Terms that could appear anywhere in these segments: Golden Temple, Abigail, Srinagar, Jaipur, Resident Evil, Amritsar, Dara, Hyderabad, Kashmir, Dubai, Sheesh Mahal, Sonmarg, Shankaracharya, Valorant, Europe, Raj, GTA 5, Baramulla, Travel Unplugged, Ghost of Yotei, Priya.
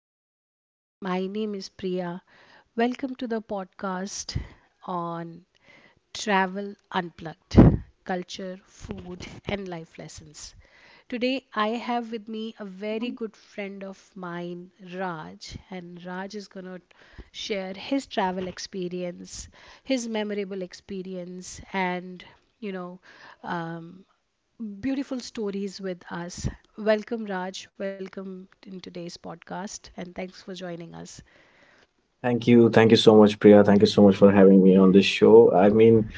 everyone. My name is Priya. Welcome to the podcast on Travel Unplugged, Culture, Food, and Life Lessons. Today, I have with me a very good friend of mine, Raj, and Raj is going to share his travel experience, his memorable experience, and you know, um, beautiful stories with us. Welcome, Raj. Welcome in today's podcast, and thanks for joining us. Thank you. Thank you so much, Priya. Thank you so much for having me on this show. I mean,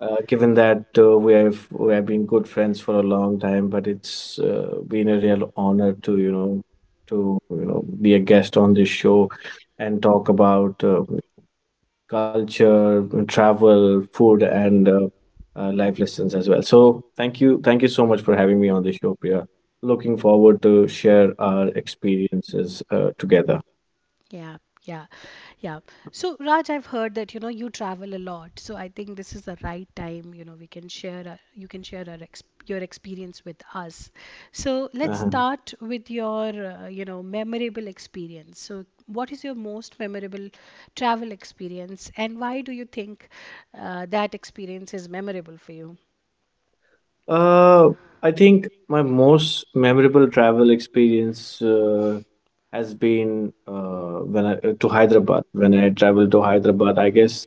given that we have been good friends for a long time, but it's been a real honor to be a guest on this show and talk about culture, travel, food, and life lessons as well. So thank you. Thank you so much for having me on this show, Priya. Looking forward to share our experiences together. Yeah, yeah, yeah. So, Raj, I've heard that you know you travel a lot, so I think this is the right time. You know, we can share. Our, you can share our ex- Your experience with us. So, let's Uh-huh. start with your memorable experience. So, what is your most memorable travel experience, and why do you think that experience is memorable for you? Uh, I think my most memorable travel experience has been when I to Hyderabad. When I traveled to Hyderabad, I guess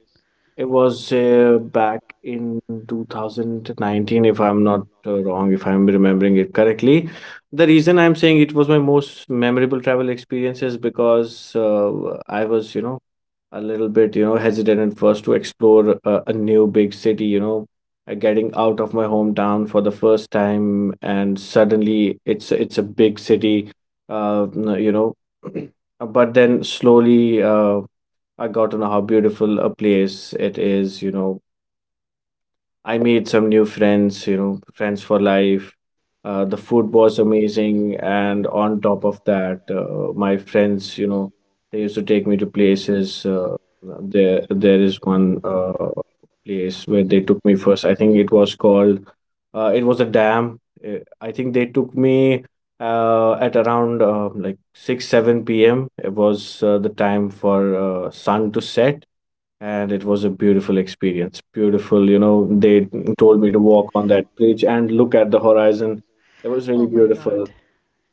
it was back in 2019, if I'm not wrong, if I'm remembering it correctly. The reason I'm saying it was my most memorable travel experience is because I was, a little bit, hesitant at first to explore a new big city, getting out of my hometown for the first time, and suddenly it's a big city, uh, n- you know. But then slowly, I got to know how beautiful a place it is. I made some new friends, friends for life. The food was amazing, and on top of that, my friends, they used to take me to places. There is one place where they took me first. I think it was called. It was a dam. I think they took me at around like 6, 7 p.m. It was the time for sun to set and it was a beautiful experience. Beautiful, they told me to walk on that bridge and look at the horizon. It was Oh really my God. beautiful.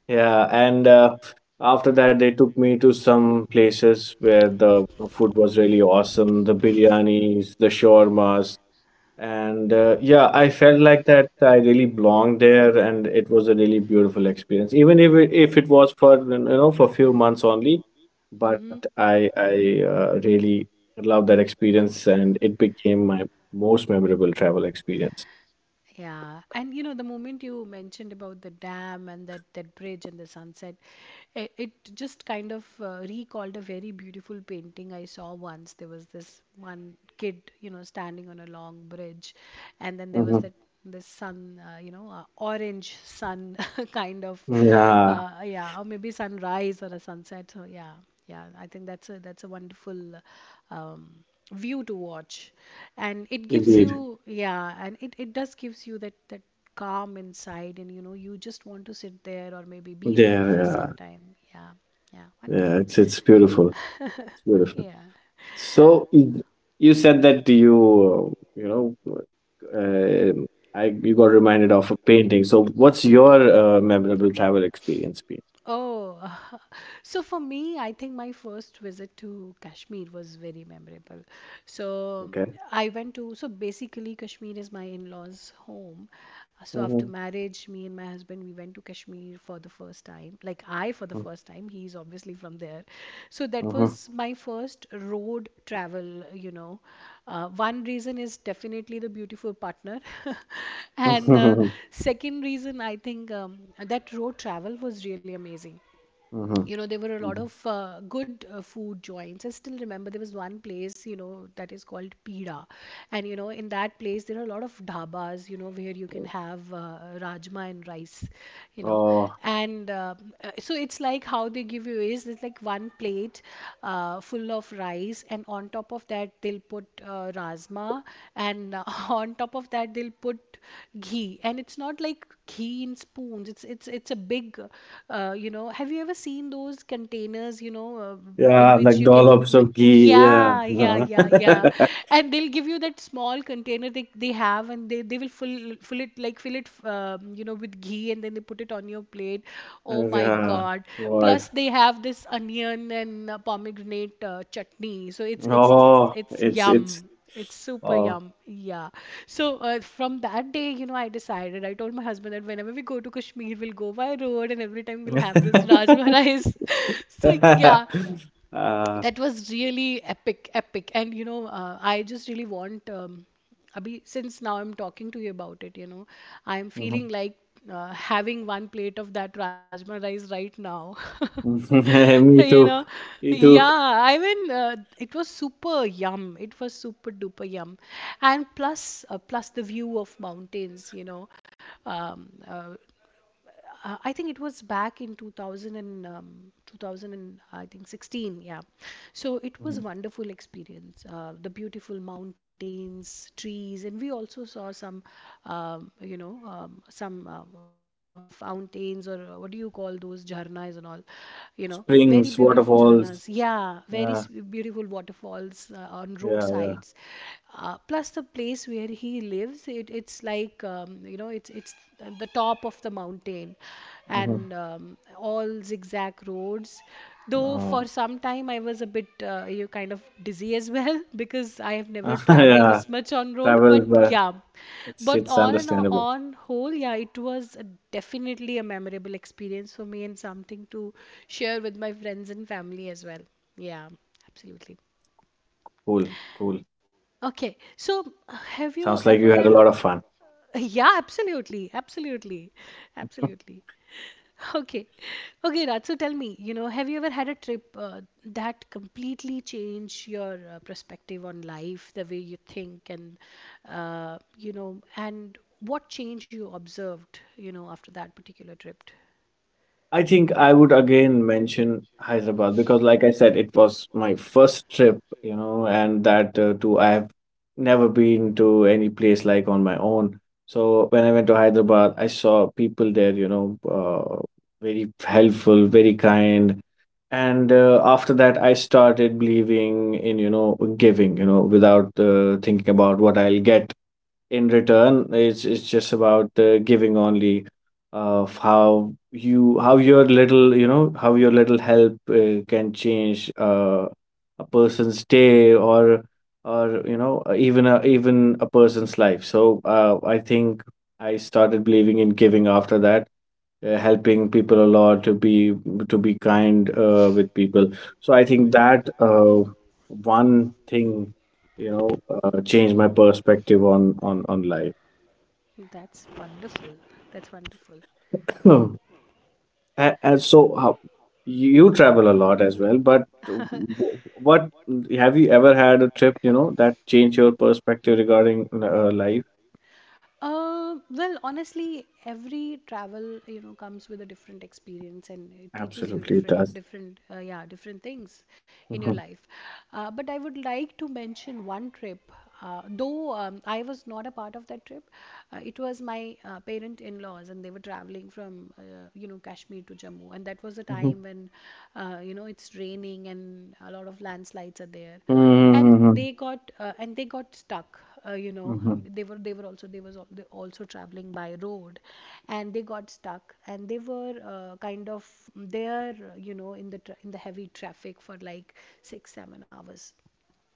Yeah, and after that, they took me to some places where the food was really awesome. The biryanis, the shawarmas, and yeah, I felt like that I really belonged there, and it was a really beautiful experience. Even if if it was for for a few months only, but I really loved that experience, and it became my most memorable travel experience. Yeah, and you know the moment you mentioned about the dam and that bridge and the sunset, it just kind of recalled a very beautiful painting I saw once. There was this one kid, you know, standing on a long bridge, and then there was Mm-hmm. that this sun, orange sun kind of, Yeah, yeah, or maybe sunrise or a sunset. So yeah, yeah, I think that's a wonderful um, view to watch, and it gives indeed. you, yeah, and it does gives you that calm inside, and you know you just want to sit there or maybe be there for There, some time. Yeah, yeah, yeah, yeah. wonderful. It's beautiful, it's beautiful. Yeah. So you said that you know, uh, I you got reminded of a painting. So what's your memorable travel experience been? Oh, so for me, I think my first visit to Kashmir was very memorable. So Okay. I went to, so basically, Kashmir is my in law's home. So after Mm-hmm. marriage, me and my husband, we went to Kashmir for the first time. Like, I for the first time. He's obviously from there. So that Mm-hmm. was my first road travel, you know. One reason is definitely the beautiful partner. And the second reason, I think, that road travel was really amazing. Hmm. You know, there were a lot of good food joints. I still remember there was one place, you know, that is called Pida. And you know, in that place there are a lot of dhabas, you know, where you can have rajma and rice, you know. Oh And so it's like, how they give you is it's like one plate full of rice, and on top of that they'll put rajma, and on top of that they'll put ghee. And it's not like keen spoons. It's a big you know, have you ever seen those containers, you know, in yeah, which like you can dollops of ghee. Yeah. yeah, yeah, Yeah. yeah, yeah. And they'll give you that small container they have, and they will fill it, like fill it you know, with ghee, and then they put it on your plate. Oh my Yeah. God. Plus God. they have this onion and pomegranate chutney. So it's it's Oh, it's it's yum. it's It's super oh. yum. Yeah. So from that day, you know, I decided, I told my husband that whenever we go to Kashmir, we'll go by road, and every time we'll have this uh, rajma rice. So yeah, that was really epic. And you know, I just really want, abhi, since now I'm talking to you about it, you know, I'm feeling mhm. like having one plate of that rajma rice right now. Me You know. too. Me too. Yeah, I mean, it was super yum, it was super duper yum. And plus the view of mountains, you know. um, uh, I think it was back in 2000 and 2000 and, I think, 16. Yeah. So it was Mhm. wonderful experience. The beautiful mountains, trees, and we also saw some fountains, or what do you call those, jharnas and all, you know, very beautiful Springs, jharnas. waterfalls. Yeah, very Yeah, beautiful waterfalls on yeah, yeah. roadsides. Plus the place where he lives, it's like, you know, it's the top of the mountain. And Hmm. All zigzag roads, though Uh, for some time I was a bit you kind of dizzy as well, because I have never traveled this much on road. But yeah, yeah, travel, but but on on it's whole, it's yeah, it was understandable. Definitely a memorable experience for me, and something to share with my friends and family as well. Yeah, absolutely. Okay, Cool, so cool. Have you Sounds like you had a ever? lot of fun. Yeah, absolutely, absolutely, absolutely. Okay, okay, Raj. So tell me, you know, have you ever had a trip that completely changed your perspective on life, the way you think, and you know, and what change you observed, you know, after that particular trip? I think I would again mention Hyderabad because, like I said, it was my first trip, and that too, I have never been to any place like on my own. So when I went to Hyderabad, I saw people there, very helpful, very kind. And after that, I started believing in, giving, without thinking about what I'll get in return. It's just about giving only, of how your little help can change a person's day or even a person's life. So I think I started believing in giving after that, helping people a lot, to be kind with people. So I think that one thing change my perspective on life That's wonderful. That's wonderful. And so how you travel a lot as well, but what, have you ever had a trip that changed your perspective regarding life? Well, honestly, every travel, you know, comes with a different experience, and it teaches you Absolutely, it does. Different things in your Mhm. life. But I would like to mention one trip. Though I was not a part of that trip, it was my parent-in-laws, and they were traveling from, you know, Kashmir to Jammu, and that was a Mhm. time when, you know, it's raining and a lot of landslides are there. And Mhm. They got stuck, you know. Mhm. Um, they were also they was al- They also traveling by road, and they got stuck, and they were kind of there, you know, in the in the heavy traffic for like 6 7 hours,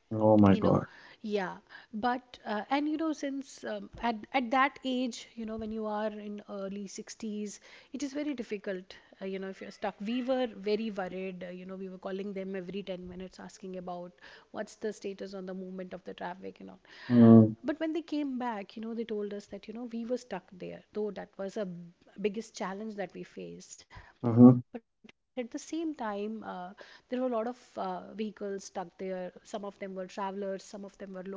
oh my you god know. Yeah. But and you know, since at that age, you know, when you are in early 60s, it is very difficult. You know, if you're stuck, we were very worried. You know, we were calling them every 10 minutes asking about what's the status on the movement of the traffic and all. Mhm. But when they came back, you know, they told us that, you know, we were stuck there. Though that was a biggest challenge that we faced, but at Mhm. the same time, there were a lot of vehicles stuck there. Some of them were travelers, some of them were locals.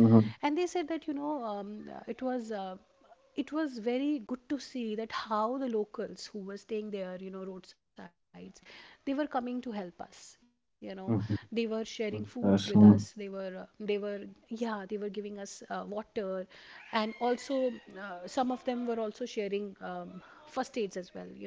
And they said that, you know, it was, it was very good to see that how the locals who were staying there, you know, roadsides, they were coming to help us, you know. They were Mhm. sharing foods with us. they Yes, were mm. They were Yeah, they were giving us water. And also some of them were also sharing first aids as well, you know.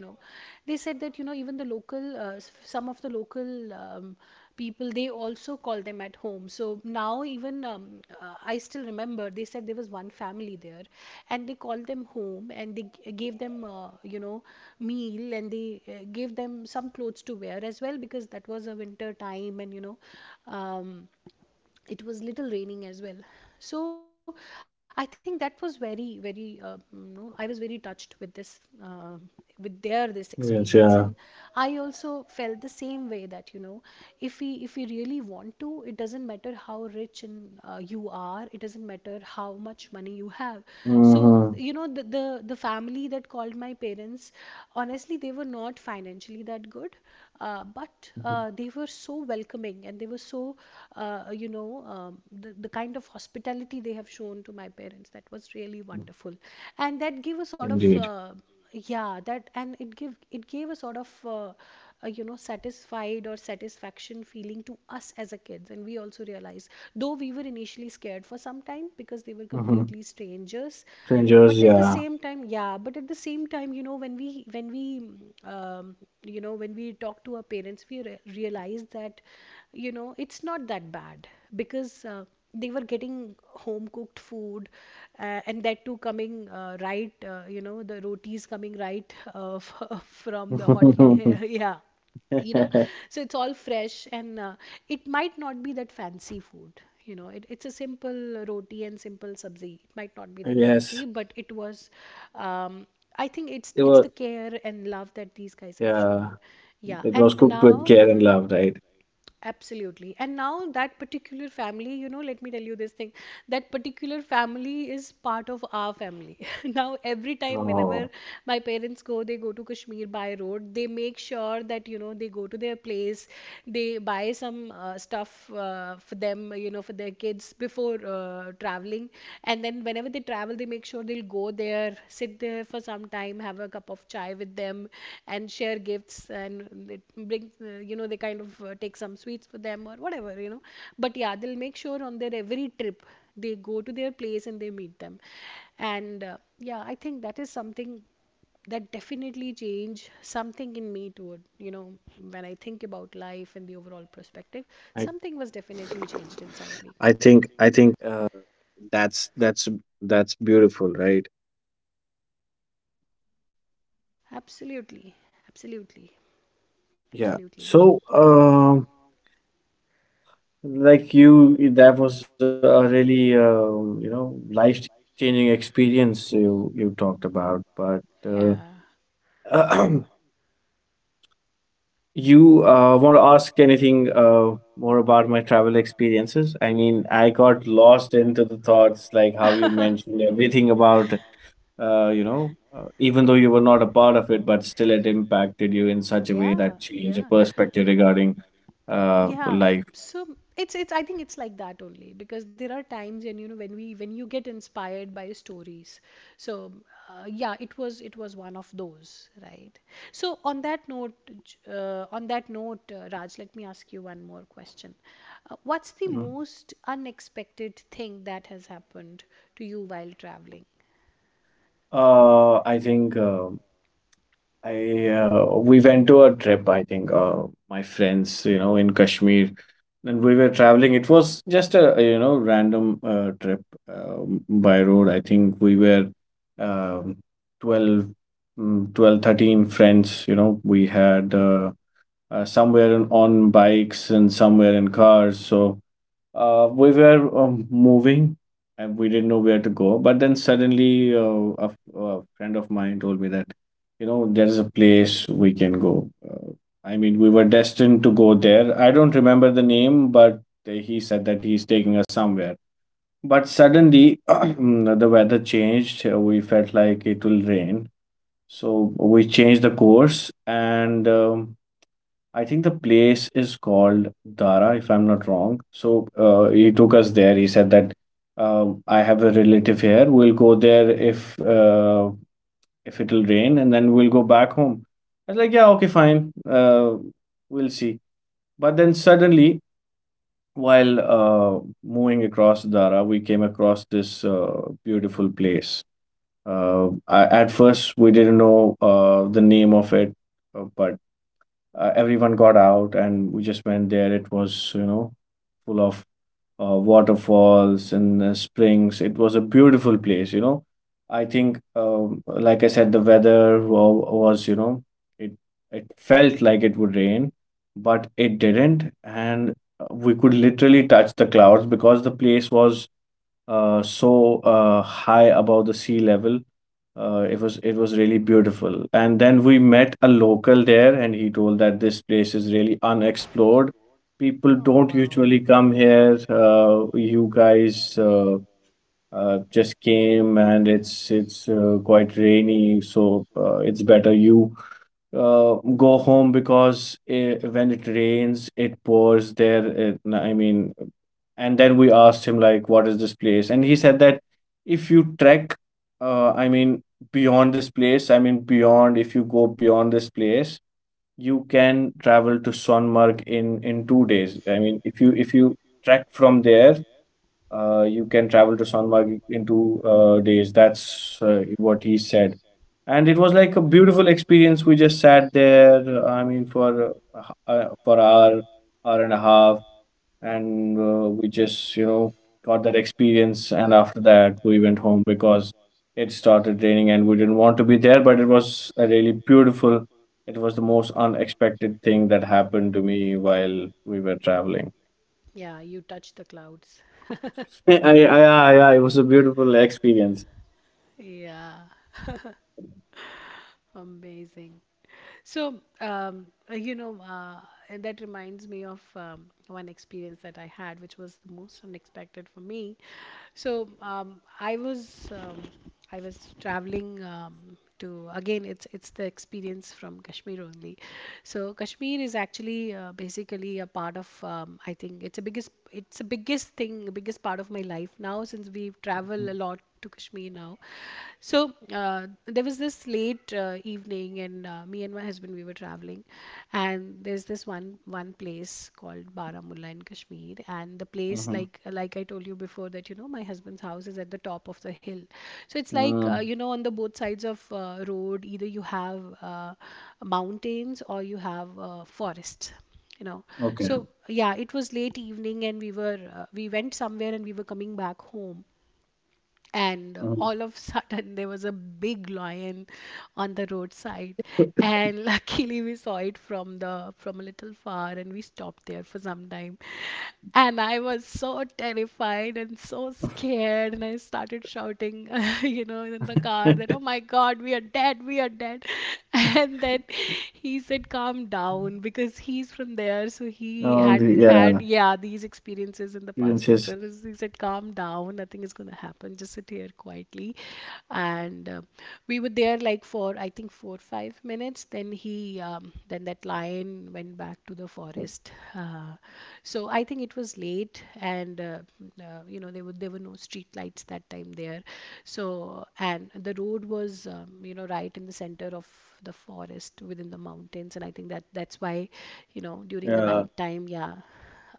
They said that, you know, even the local some of the local people, they also call them at home. So now, even I still remember, they said there was one family there, and they called them home, and they gave them, you know, meal. And they gave them some clothes to wear as well, because that was a winter time, and, you know, um, it was little raining as well. So I think that was very, very. You know, I was very touched with this with their this experience. Yes, And yeah. I also felt the same way that, you know, if we, really want to, it doesn't matter how rich and you are. It doesn't matter how much money you have. So, Hmm. you know, the family that called my parents, honestly, they were not financially that good. But they were so welcoming, and they were so, the kind of hospitality they have shown to my parents, that was really wonderful. And that gave a sort Indeed. of, yeah, that, and it gave a sort of, you know, satisfied or satisfaction feeling to us as a kids. And we also realized, though we were initially scared for some time because they were Hmm. completely strangers, Strangers, but at the yeah. same time, but at the same time, you know, when we um, you know, when we talk to our parents, we realize that, you know, it's not that bad. Because they were getting home cooked food, and that too coming right, you know, the rotis coming right, from the hot. Yeah. You know. So it's all fresh, and it might not be that fancy food. You know, it's a simple roti and simple sabzi. It might not be that Yes, fancy, but it was, um, I think, it it's was. the care and love that these guys have Yeah, shown. Yeah. it And was cooked with now, care and love, right? absolutely. And now, that particular family, you know, let me tell you this thing, that particular family is part of our family. Now, every time, whenever Oh, my parents go, they go to Kashmir by road, they make sure that, you know, they go to their place, they buy some stuff for them, you know, for their kids before traveling. And then whenever they travel, they make sure they'll go there, sit there for some time, have a cup of chai with them, and share gifts. And it brings you know, they kind of take some sweets for them or whatever, you know. But yeah, they'll make sure on their every trip, they go to their place and they meet them. And yeah, I think that is something that definitely changed something in me toward, you know, when I think about life and the overall perspective, something was definitely changed inside me. Absolutely. Absolutely. yeah. Absolutely. So, like you, that was a really, life-changing experience you talked about. But Yeah. You want to ask anything more about my travel experiences? I mean, I got lost into the thoughts, like how you mentioned everything about, even though you were not a part of it, but still it impacted you in such a way that changed your perspective regarding Yeah, life. so it's I think it's like that only because there are times, and you know, when you get inspired by stories. So yeah, it was one of those, right? So on that note, Raj, let me ask you one more question. What's the Mm-hmm. most unexpected thing that has happened to you while traveling? I think I we went to a trip. I think my friends, in Kashmir, and we were traveling. It was just a random trip by road. I think we were um, 12, 12, 13 friends. You know, we had somewhere on bikes and somewhere in cars. So we were moving and we didn't know where to go. But then suddenly, a friend of mine told me that, there is a place we can go. I mean, we were destined to go there. I don't remember the name, but he said that he's taking us somewhere. But suddenly, the weather changed. We felt like it will rain. So we changed the course, and I think the place is called Dara, if I'm not wrong. So he took us there. He said that I have a relative here. We'll go there if it'll rain, and then we'll go back home. I was like, yeah, okay, fine. We'll see. But then suddenly, while moving across Dara, we came across this beautiful place. At first, we didn't know the name of it, but everyone got out and we just went there. It was, full of waterfalls and springs. It was a beautiful place. I think, like I said, the weather was, you know, it it felt like it would rain, but it didn't, and we could literally touch the clouds because the place was so high above the sea level. It was really beautiful. And then we met a local there, and he told that this place is really unexplored. People Oh don't wow. usually come here. You guys just came, and it's quite rainy, so it's better you uh, go home, because when it rains, it pours there. I mean, and then we asked him like, what is this place? And he said that if you trek, uh, i mean beyond this place I mean beyond if you go beyond this place, you can travel to Sonmarg in 2 days. I mean, if you trek from there, you can travel to Sonmarg in two days. That's what he said. And it was like a beautiful experience. We just sat there, for for hour, hour and a half, and we just got that experience, and after that we went home because it started raining and we didn't want to be there. But it was a really beautiful. It was the most unexpected thing that happened to me while we were traveling. Yeah, you touch the clouds. Yeah, yeah, yeah, yeah, it was a beautiful experience. Yeah. Amazing. So, you know, and that reminds me of one experience that I had, which was the most unexpected for me. So, I was traveling to again. It's the experience from Kashmir only. So, Kashmir is actually basically a part of. I think it's the biggest thing, biggest part of my life now, since we travel a lot to Kashmir now. So there was this late evening, and me and my husband, we were traveling, and there's this one place called Baramulla in Kashmir, and the place, Mhm. like I told you before, that you know, my husband's house is at the top of the hill, so it's like Um, you know, on the both sides of road, either you have mountains or you have forests, you know. okay. So yeah, it was late evening, and we went somewhere and we were coming back home. And Um, all of sudden, there was a big lion on the roadside. And luckily, we saw it from the from a little far, and we stopped there for some time. And I was so terrified and so scared, and I started shouting, you know, in the car that, "Oh my God, we are dead, we are dead!" And then he said, calm down, because he's from there, so he no, had the, yeah, had, yeah, these experiences in the past as experiences. well, as he said, calm down, nothing is going to happen, just sit here quietly. And we were there like, for I think 4 or 5 minutes. Then he then that lion went back to the forest. So I think it was late, and you know, there were no street lights that time there. So, and the road was you know, right in the center of the forest within the mountains. And I think that's why, you know, during the Yeah, night time. Yeah.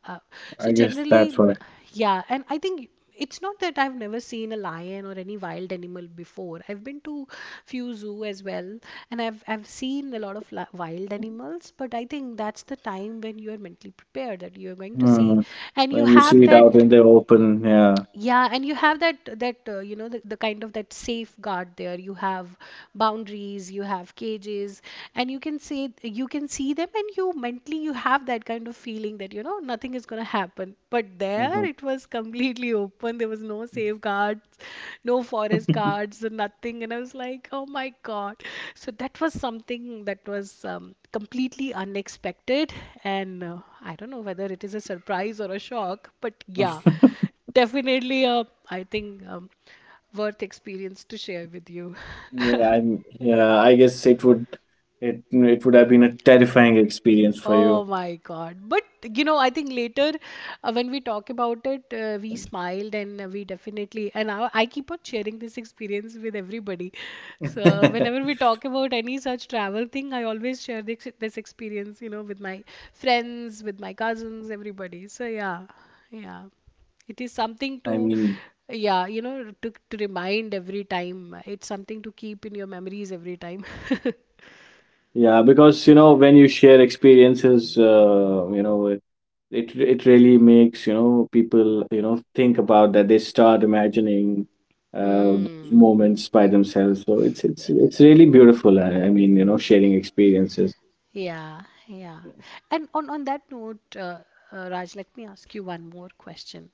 uh, I so guess that's generally, why. yeah. And I think it's not that I've never seen a lion or any wild animal before. I've been to few zoo as well, and I've seen a lot of wild animals, but I think that's the time when you are mentally prepared that you're going to see, Mm, and you when you have see it out that. in the open, yeah. Yeah, and you have that you know, the kind of that safeguard there. You have boundaries, you have cages, and you can see them, and you mentally, you have that kind of feeling that you know, nothing is gonna happen. But there Mhm. it was completely open. There was no safeguards, no forest guards, so nothing. And I was like, "Oh my God." So that was something that was completely unexpected. And I don't know whether it is a surprise or a shock, but yeah. Definitely, I think, worth experience to share with you. Yeah, I'm, yeah, I guess it would have been a terrifying experience for Oh you. my God. But you know, I think later, when we talk about it, we smiled and we definitely, and I keep on sharing this experience with everybody. So whenever we talk about any such travel thing, I always share this experience, you know, with my friends, with my cousins, everybody. So yeah, yeah. It is something I to, mean, yeah, you know, to remind every time. It's something to keep in your memories every time. yeah, because when you share experiences, it really makes people think about that, they start imagining uh, those Hmm. moments by themselves. So it's really beautiful. I mean, sharing experiences. Yeah, yeah. And on that note, Raj, let me ask you one more question.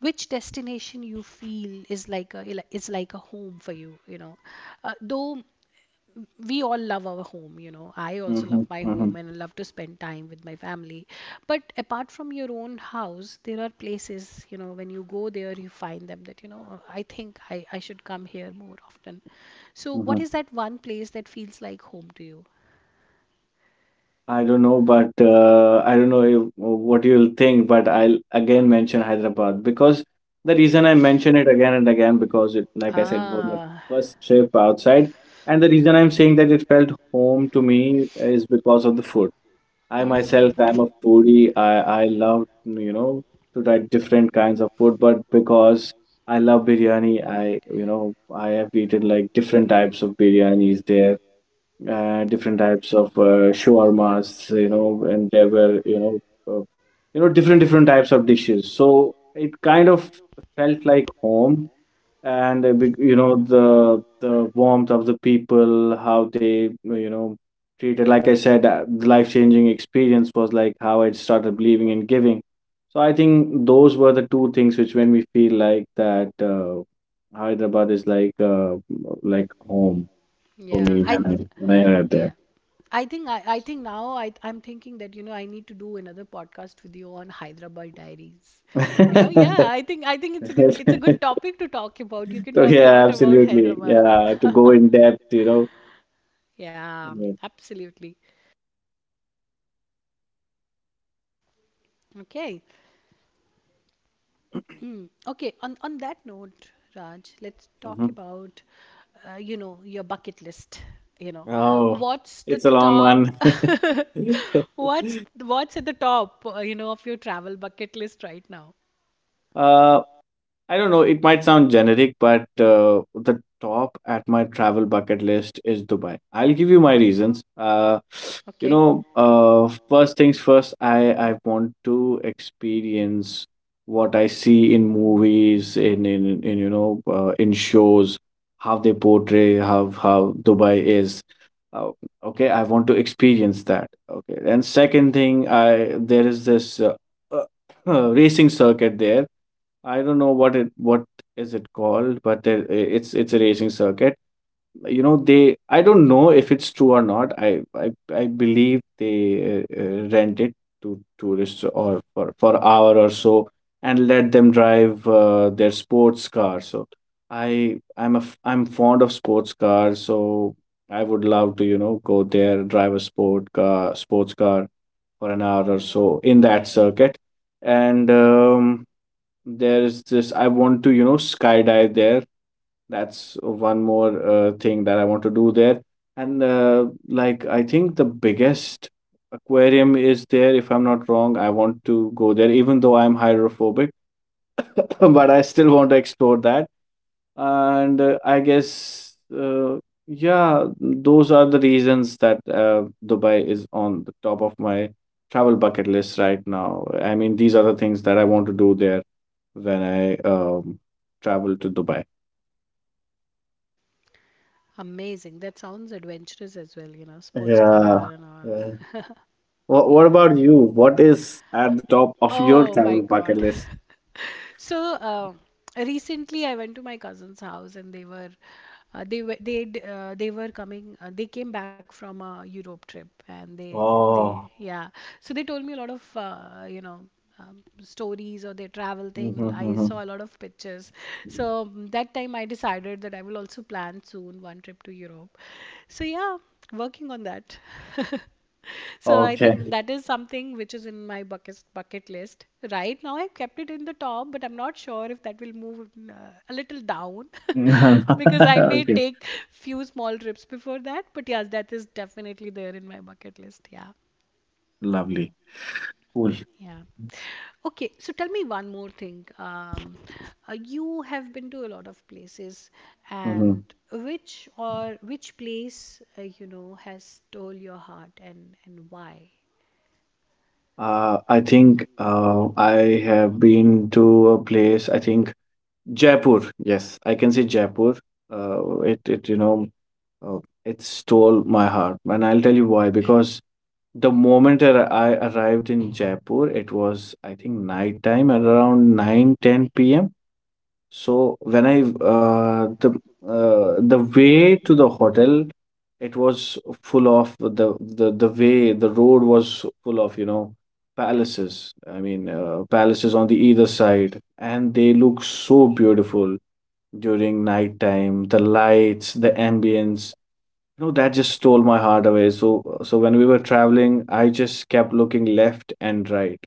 Which destination you feel is like a, is like a home for you, you know? Though we all love our home, you know. I also Mm-hmm, love my mm-hmm. home, and I love to spend time with my family. But apart from your own house, there are places, you know, when you go there, you find them that, you know, "Oh, I think I should come here more often." So what Mhm. is that one place that feels like home to you? I don't know, but I don't know if, what you'll think, but I'll again mention Hyderabad because the reason I mention it again and again, because it, like I said, was my Ah, first trip outside, and the reason I'm saying that it felt home to me is because of the food. I mm, myself, I'm a foodie. I love to try different kinds of food, but because I love biryani, I you know I have eaten like different types of biryanis there, different types of shawarmas, and there were, uh, different types of dishes. So it kind of felt like home, and the warmth of the people, how they, treated. Like I said, the life changing experience was like how I started believing in giving. So I think those were the two things which made me feel like that Hyderabad is like home for yeah, me I when I arrived yeah, there. I think now I'm thinking that you know, I need to do another podcast with you on Hyderabad Diaries. You know, yeah, I think it's a good topic to talk about. You can Okay, talk a lot about absolutely. Hyderabad. Yeah, to go in depth. Yeah, Yeah. absolutely. Okay. Mm. Okay, on that note, Raj, let's talk Mhm. about, you know, your bucket list. You know, Oh, what's the it's a long top? one. What's at the top? You know, of your travel bucket list right now. Uh, I don't know, it might sound generic, but the top at my travel bucket list is Dubai. I'll give you my reasons. Okay, First things first, I want to experience what I see in movies, in in shows, how they portray how Dubai is. Uh, okay, I want to experience that. Okay, and second thing, I there is this racing circuit there. I don't know what it what is it called, but it's a racing circuit. You know, they I don't know if it's true or not. I believe they rent it to tourists or for hour or so and let them drive their sports car. So I I'm a f- I'm fond of sports cars, so I would love to go there, drive a sports car for an hour or so in that circuit, and there's this, I want to, skydive there. That's one more thing that I want to do there. And like, I think the biggest aquarium is there, if I'm not wrong. I want to go there, even though I'm hydrophobic, but I still want to explore that, and yeah, those are the reasons that dubai is on the top of my travel bucket list right now. I mean, these are the things that I want to do there when i travel to dubai. amazing. That sounds adventurous as well. You know, sports Yeah. car and all. Yeah. What Yeah. about you? What is at the top of your Oh my travel bucket God. list? So, recently I went to my cousin's house, and they were coming they came back from a Europe trip, and they Oh. yeah. So they told me a lot of you know, stories or their travel thing. I Mm-hmm. saw a lot of pictures. So, that time I decided that I will also plan soon one trip to Europe. So yeah, working on that. So I think Okay. that is something which is in my bucket list. Right now, I've kept it in the top, but I'm not sure if that will move a little down, because I may Okay. take few small trips before that. But yes, that is definitely there in my bucket list. Yeah, Lovely. Cool. yeah. Okay, so tell me one more thing. You have been to a lot of places, Mhm. and which place, you know, has stole your heart, and why? I think I have been to a place, I think Jaipur. Yes, I can say Jaipur. Uh, it, it, you know, uh, it stole my heart. And I'll tell you why. Because the moment I arrived in Jaipur, it was, I think, night time at around 9:10 p.m. So when I the way to the hotel, it was full of the way the road was full of palaces. I mean, palaces on the either side, and they look so beautiful during night time. The lights, the ambience, that just stole my heart away. So when we were traveling, I just kept looking left and right.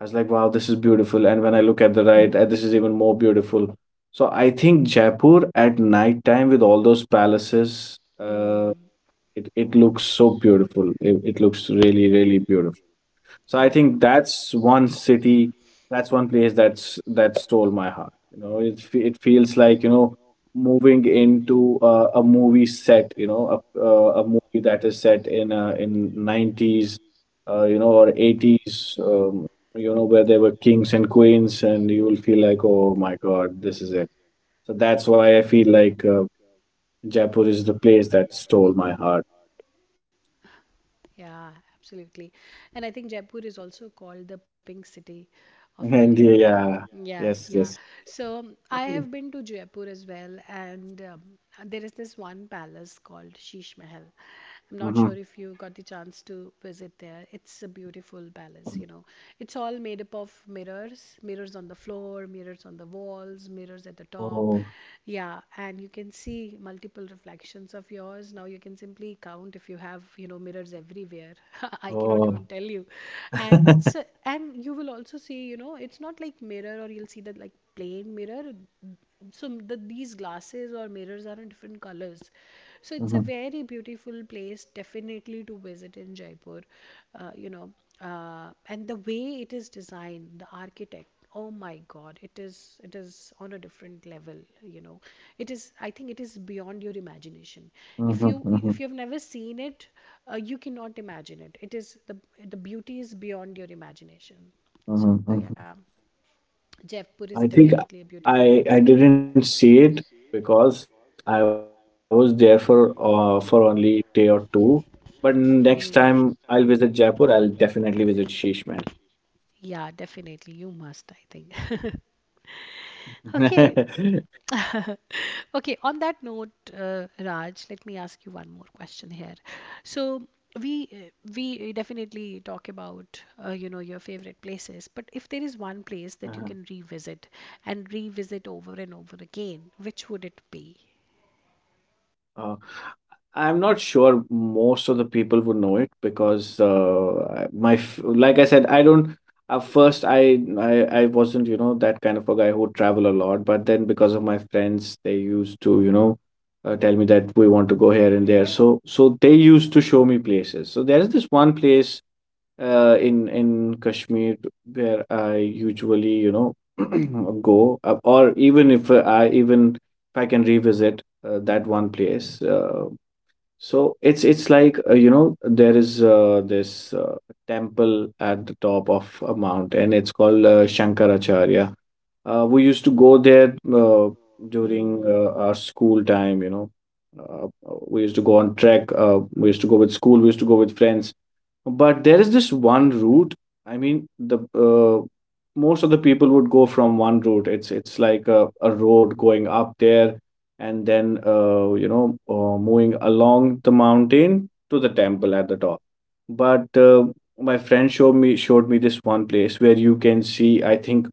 I was like, wow, this is beautiful. And when I look at the right, this is even more beautiful. So I think Jaipur at night time with all those palaces, uh, Hmm. it, it looks so beautiful. It looks really, really beautiful. So I Yeah. think that's one city, that's one place that stole my heart. You know, it feels like moving into a movie set. You know, a movie that is set in nineties, or eighties. Where there were kings and queens, and you will feel like, oh my God, this is it. So that's why I feel like Jaipur is the place that stole my heart. Yeah, absolutely. And I think Jaipur is also called the Pink City of India. And yeah, Yeah, yes, yeah. yes. So, I have been to Jaipur as well, and there is this one palace called Sheesh Mahal. I'm not sure Hmm. if you got the chance to visit there. It's a beautiful palace, you know. It's all made up of mirrors, mirrors on the floor, mirrors on the walls, mirrors at the top. Oh. Yeah, and you can see multiple reflections of yours. Now you can simply count if you have, you know, mirrors everywhere. I cannot even Oh. tell you. Mhm, And you will also see, you know, it's not like mirror or you'll see that like plain mirror, so these glasses or mirrors are in different colors. So it's a mhm, very beautiful place, definitely to visit in Jaipur. You know, and the way it is designed, the architect, oh my God, it is on a different level, you know. It is, I think, it is beyond your imagination. If you have never seen it, mhm, you cannot imagine it. It is The beauty is beyond your imagination. So yeah, mhm, mhm. Jaipur is definitely a beautiful place. Yeah. I think I I didn't see it because I was there for only day or two. Next time Mm. I'll visit Jaipur, I'll definitely visit Sheesh Mahal. Yeah, definitely. You must, I think. Okay. Okay, on that note, Raj, let me ask you one more question here. So we uh, we definitely talk about, you know, your favorite places, but if there is one place Uh-huh. that you can revisit and revisit over and over again, which would it be? Uh, I'm not sure most of the people would know it because like I said, I don't. At first, I wasn't that kind of a guy who would travel a lot. But then because of my friends, they used to tell me that we want to go here and there. So they used to show me places. So there is this one place in Kashmir where I usually go, or even if I even if I can revisit that one place. So it's like there is this temple at the top of a mountain, and it's called Shankaracharya. We used to go there during Mm. Our school time uh, we used to go on trek. We used to go with school, we used to go with friends. But there is this one route. I mean, the most of the people would go from one route. It's like a road going up there. And then, moving along the mountain to the temple at the top. But my friend showed me this one place where you can see, I think,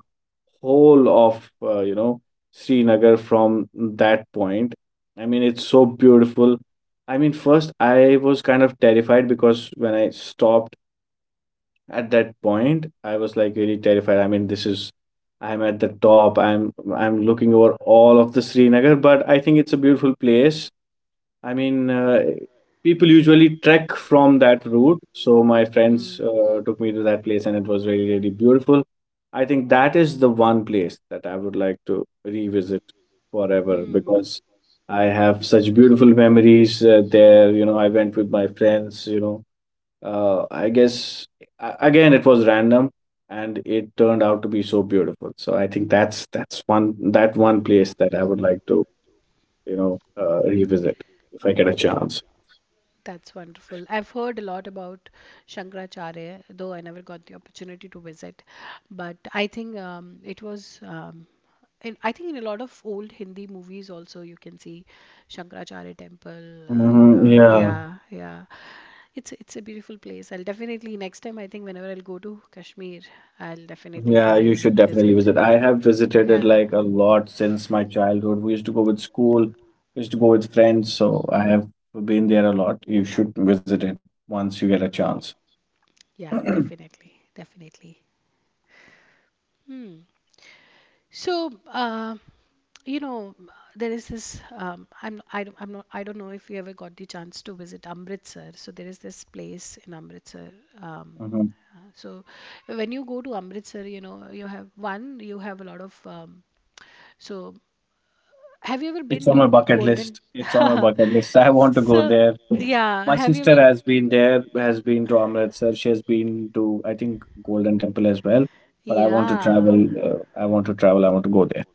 whole of Srinagar from that point. I mean, it's so beautiful. I mean, first I was kind of terrified because when I stopped at that point, I was like really terrified. I mean, this is I'm at the top. I'm looking over all of the Srinagar, but I think it's a beautiful place. I mean, people usually trek from that route. So my friends took me to that place, and it was really, really beautiful. I think that is the one place that I would like to revisit Mm. forever, Mm. because I have such beautiful memories there. You know, I went with my friends. I guess, again, it was random, and it turned out to be so beautiful. So I think that's one place that I would like to revisit if I get a chance. That's wonderful. I've heard a lot about Shankaracharya, though I never got the opportunity to visit. But I think, it was, I think, in a lot of old Hindi movies also, you can see Shankaracharya temple. You Mhm. know, Yeah, yeah, yeah. It's a beautiful place. I'll definitely next time. I think whenever I'll go to Kashmir, I'll definitely yeah, try you and should definitely visit. visit. I have visited it Yeah, like a lot since my childhood. We used to go with school, we used to go with friends, so I have been there a lot. You should visit it once you get a chance. yeah, definitely, definitely. Hmm. So, you know, there is this. I'm I don't, I'm not I don't know if you ever got the chance to visit Amritsar. So there is this place in Amritsar. Um, Mhm. So when you go to Amritsar, you know, you have one. You have a lot of. So, have you ever It's been on to my bucket Golden? list. It's on my bucket list. I want to go So there. yeah, My have you sister ever? has been there, has been to Amritsar. She has been to, I think, Golden Temple as well. But I want to Yeah, travel. I want to travel. I want to go there.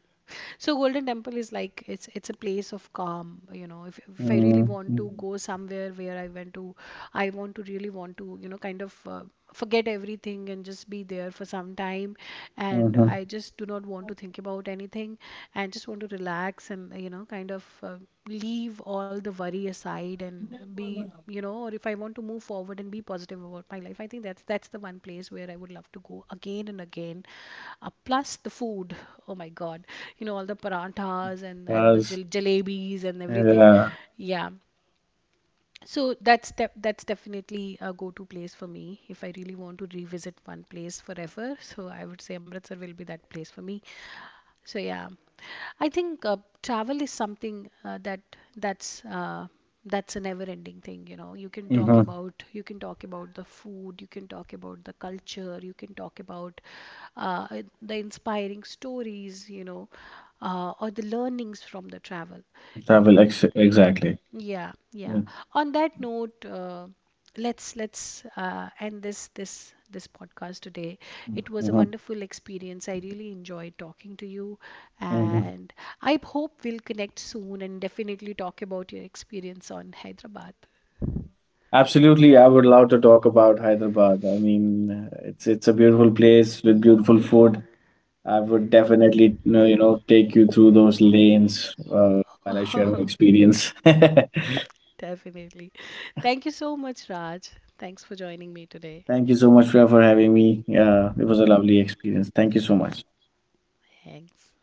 so Golden Temple is like, it's a place of calm, you know. If I really want to Mm-hmm. go somewhere where I went to, I want to really want to, you know, kind of forget everything and just be there for some time, and I just do not want to think about anything, and just want to relax. And you know, kind of leave all the worry aside and be, you know, or if I want to move forward and be positive about my life, I think that's the one place where I would love to go again and again. Plus the food, oh my God, you know, all the paranthas and the Yes. Jalebis and everything. Yeah. Yeah. So that's definitely a go-to place for me if I really want to revisit one place forever. So I would say Amritsar will be that place for me. So yeah, I think, travel is something, that's uh, that's a never-ending thing. You know, Mm-hmm. You can talk about the food, you can talk about the culture, you can talk about the inspiring stories. You know, or the learnings from the travel. You Travel. know, Exactly. yeah, Yeah. yeah. On that note, let's end this podcast today. It was a Mhm, wonderful experience. I really enjoyed talking to you, mhm. and I hope we'll connect soon and definitely talk about your experience on Hyderabad. Absolutely, I would love to talk about Hyderabad. I mean, it's a beautiful place with beautiful food. I would definitely, take you through those lanes while I share my experience. Thank Definitely. Thank you so much, Raj. Thanks for joining me today. you so much, Priya, for having me. It was a lovely experience. Thank you so much. Thanks.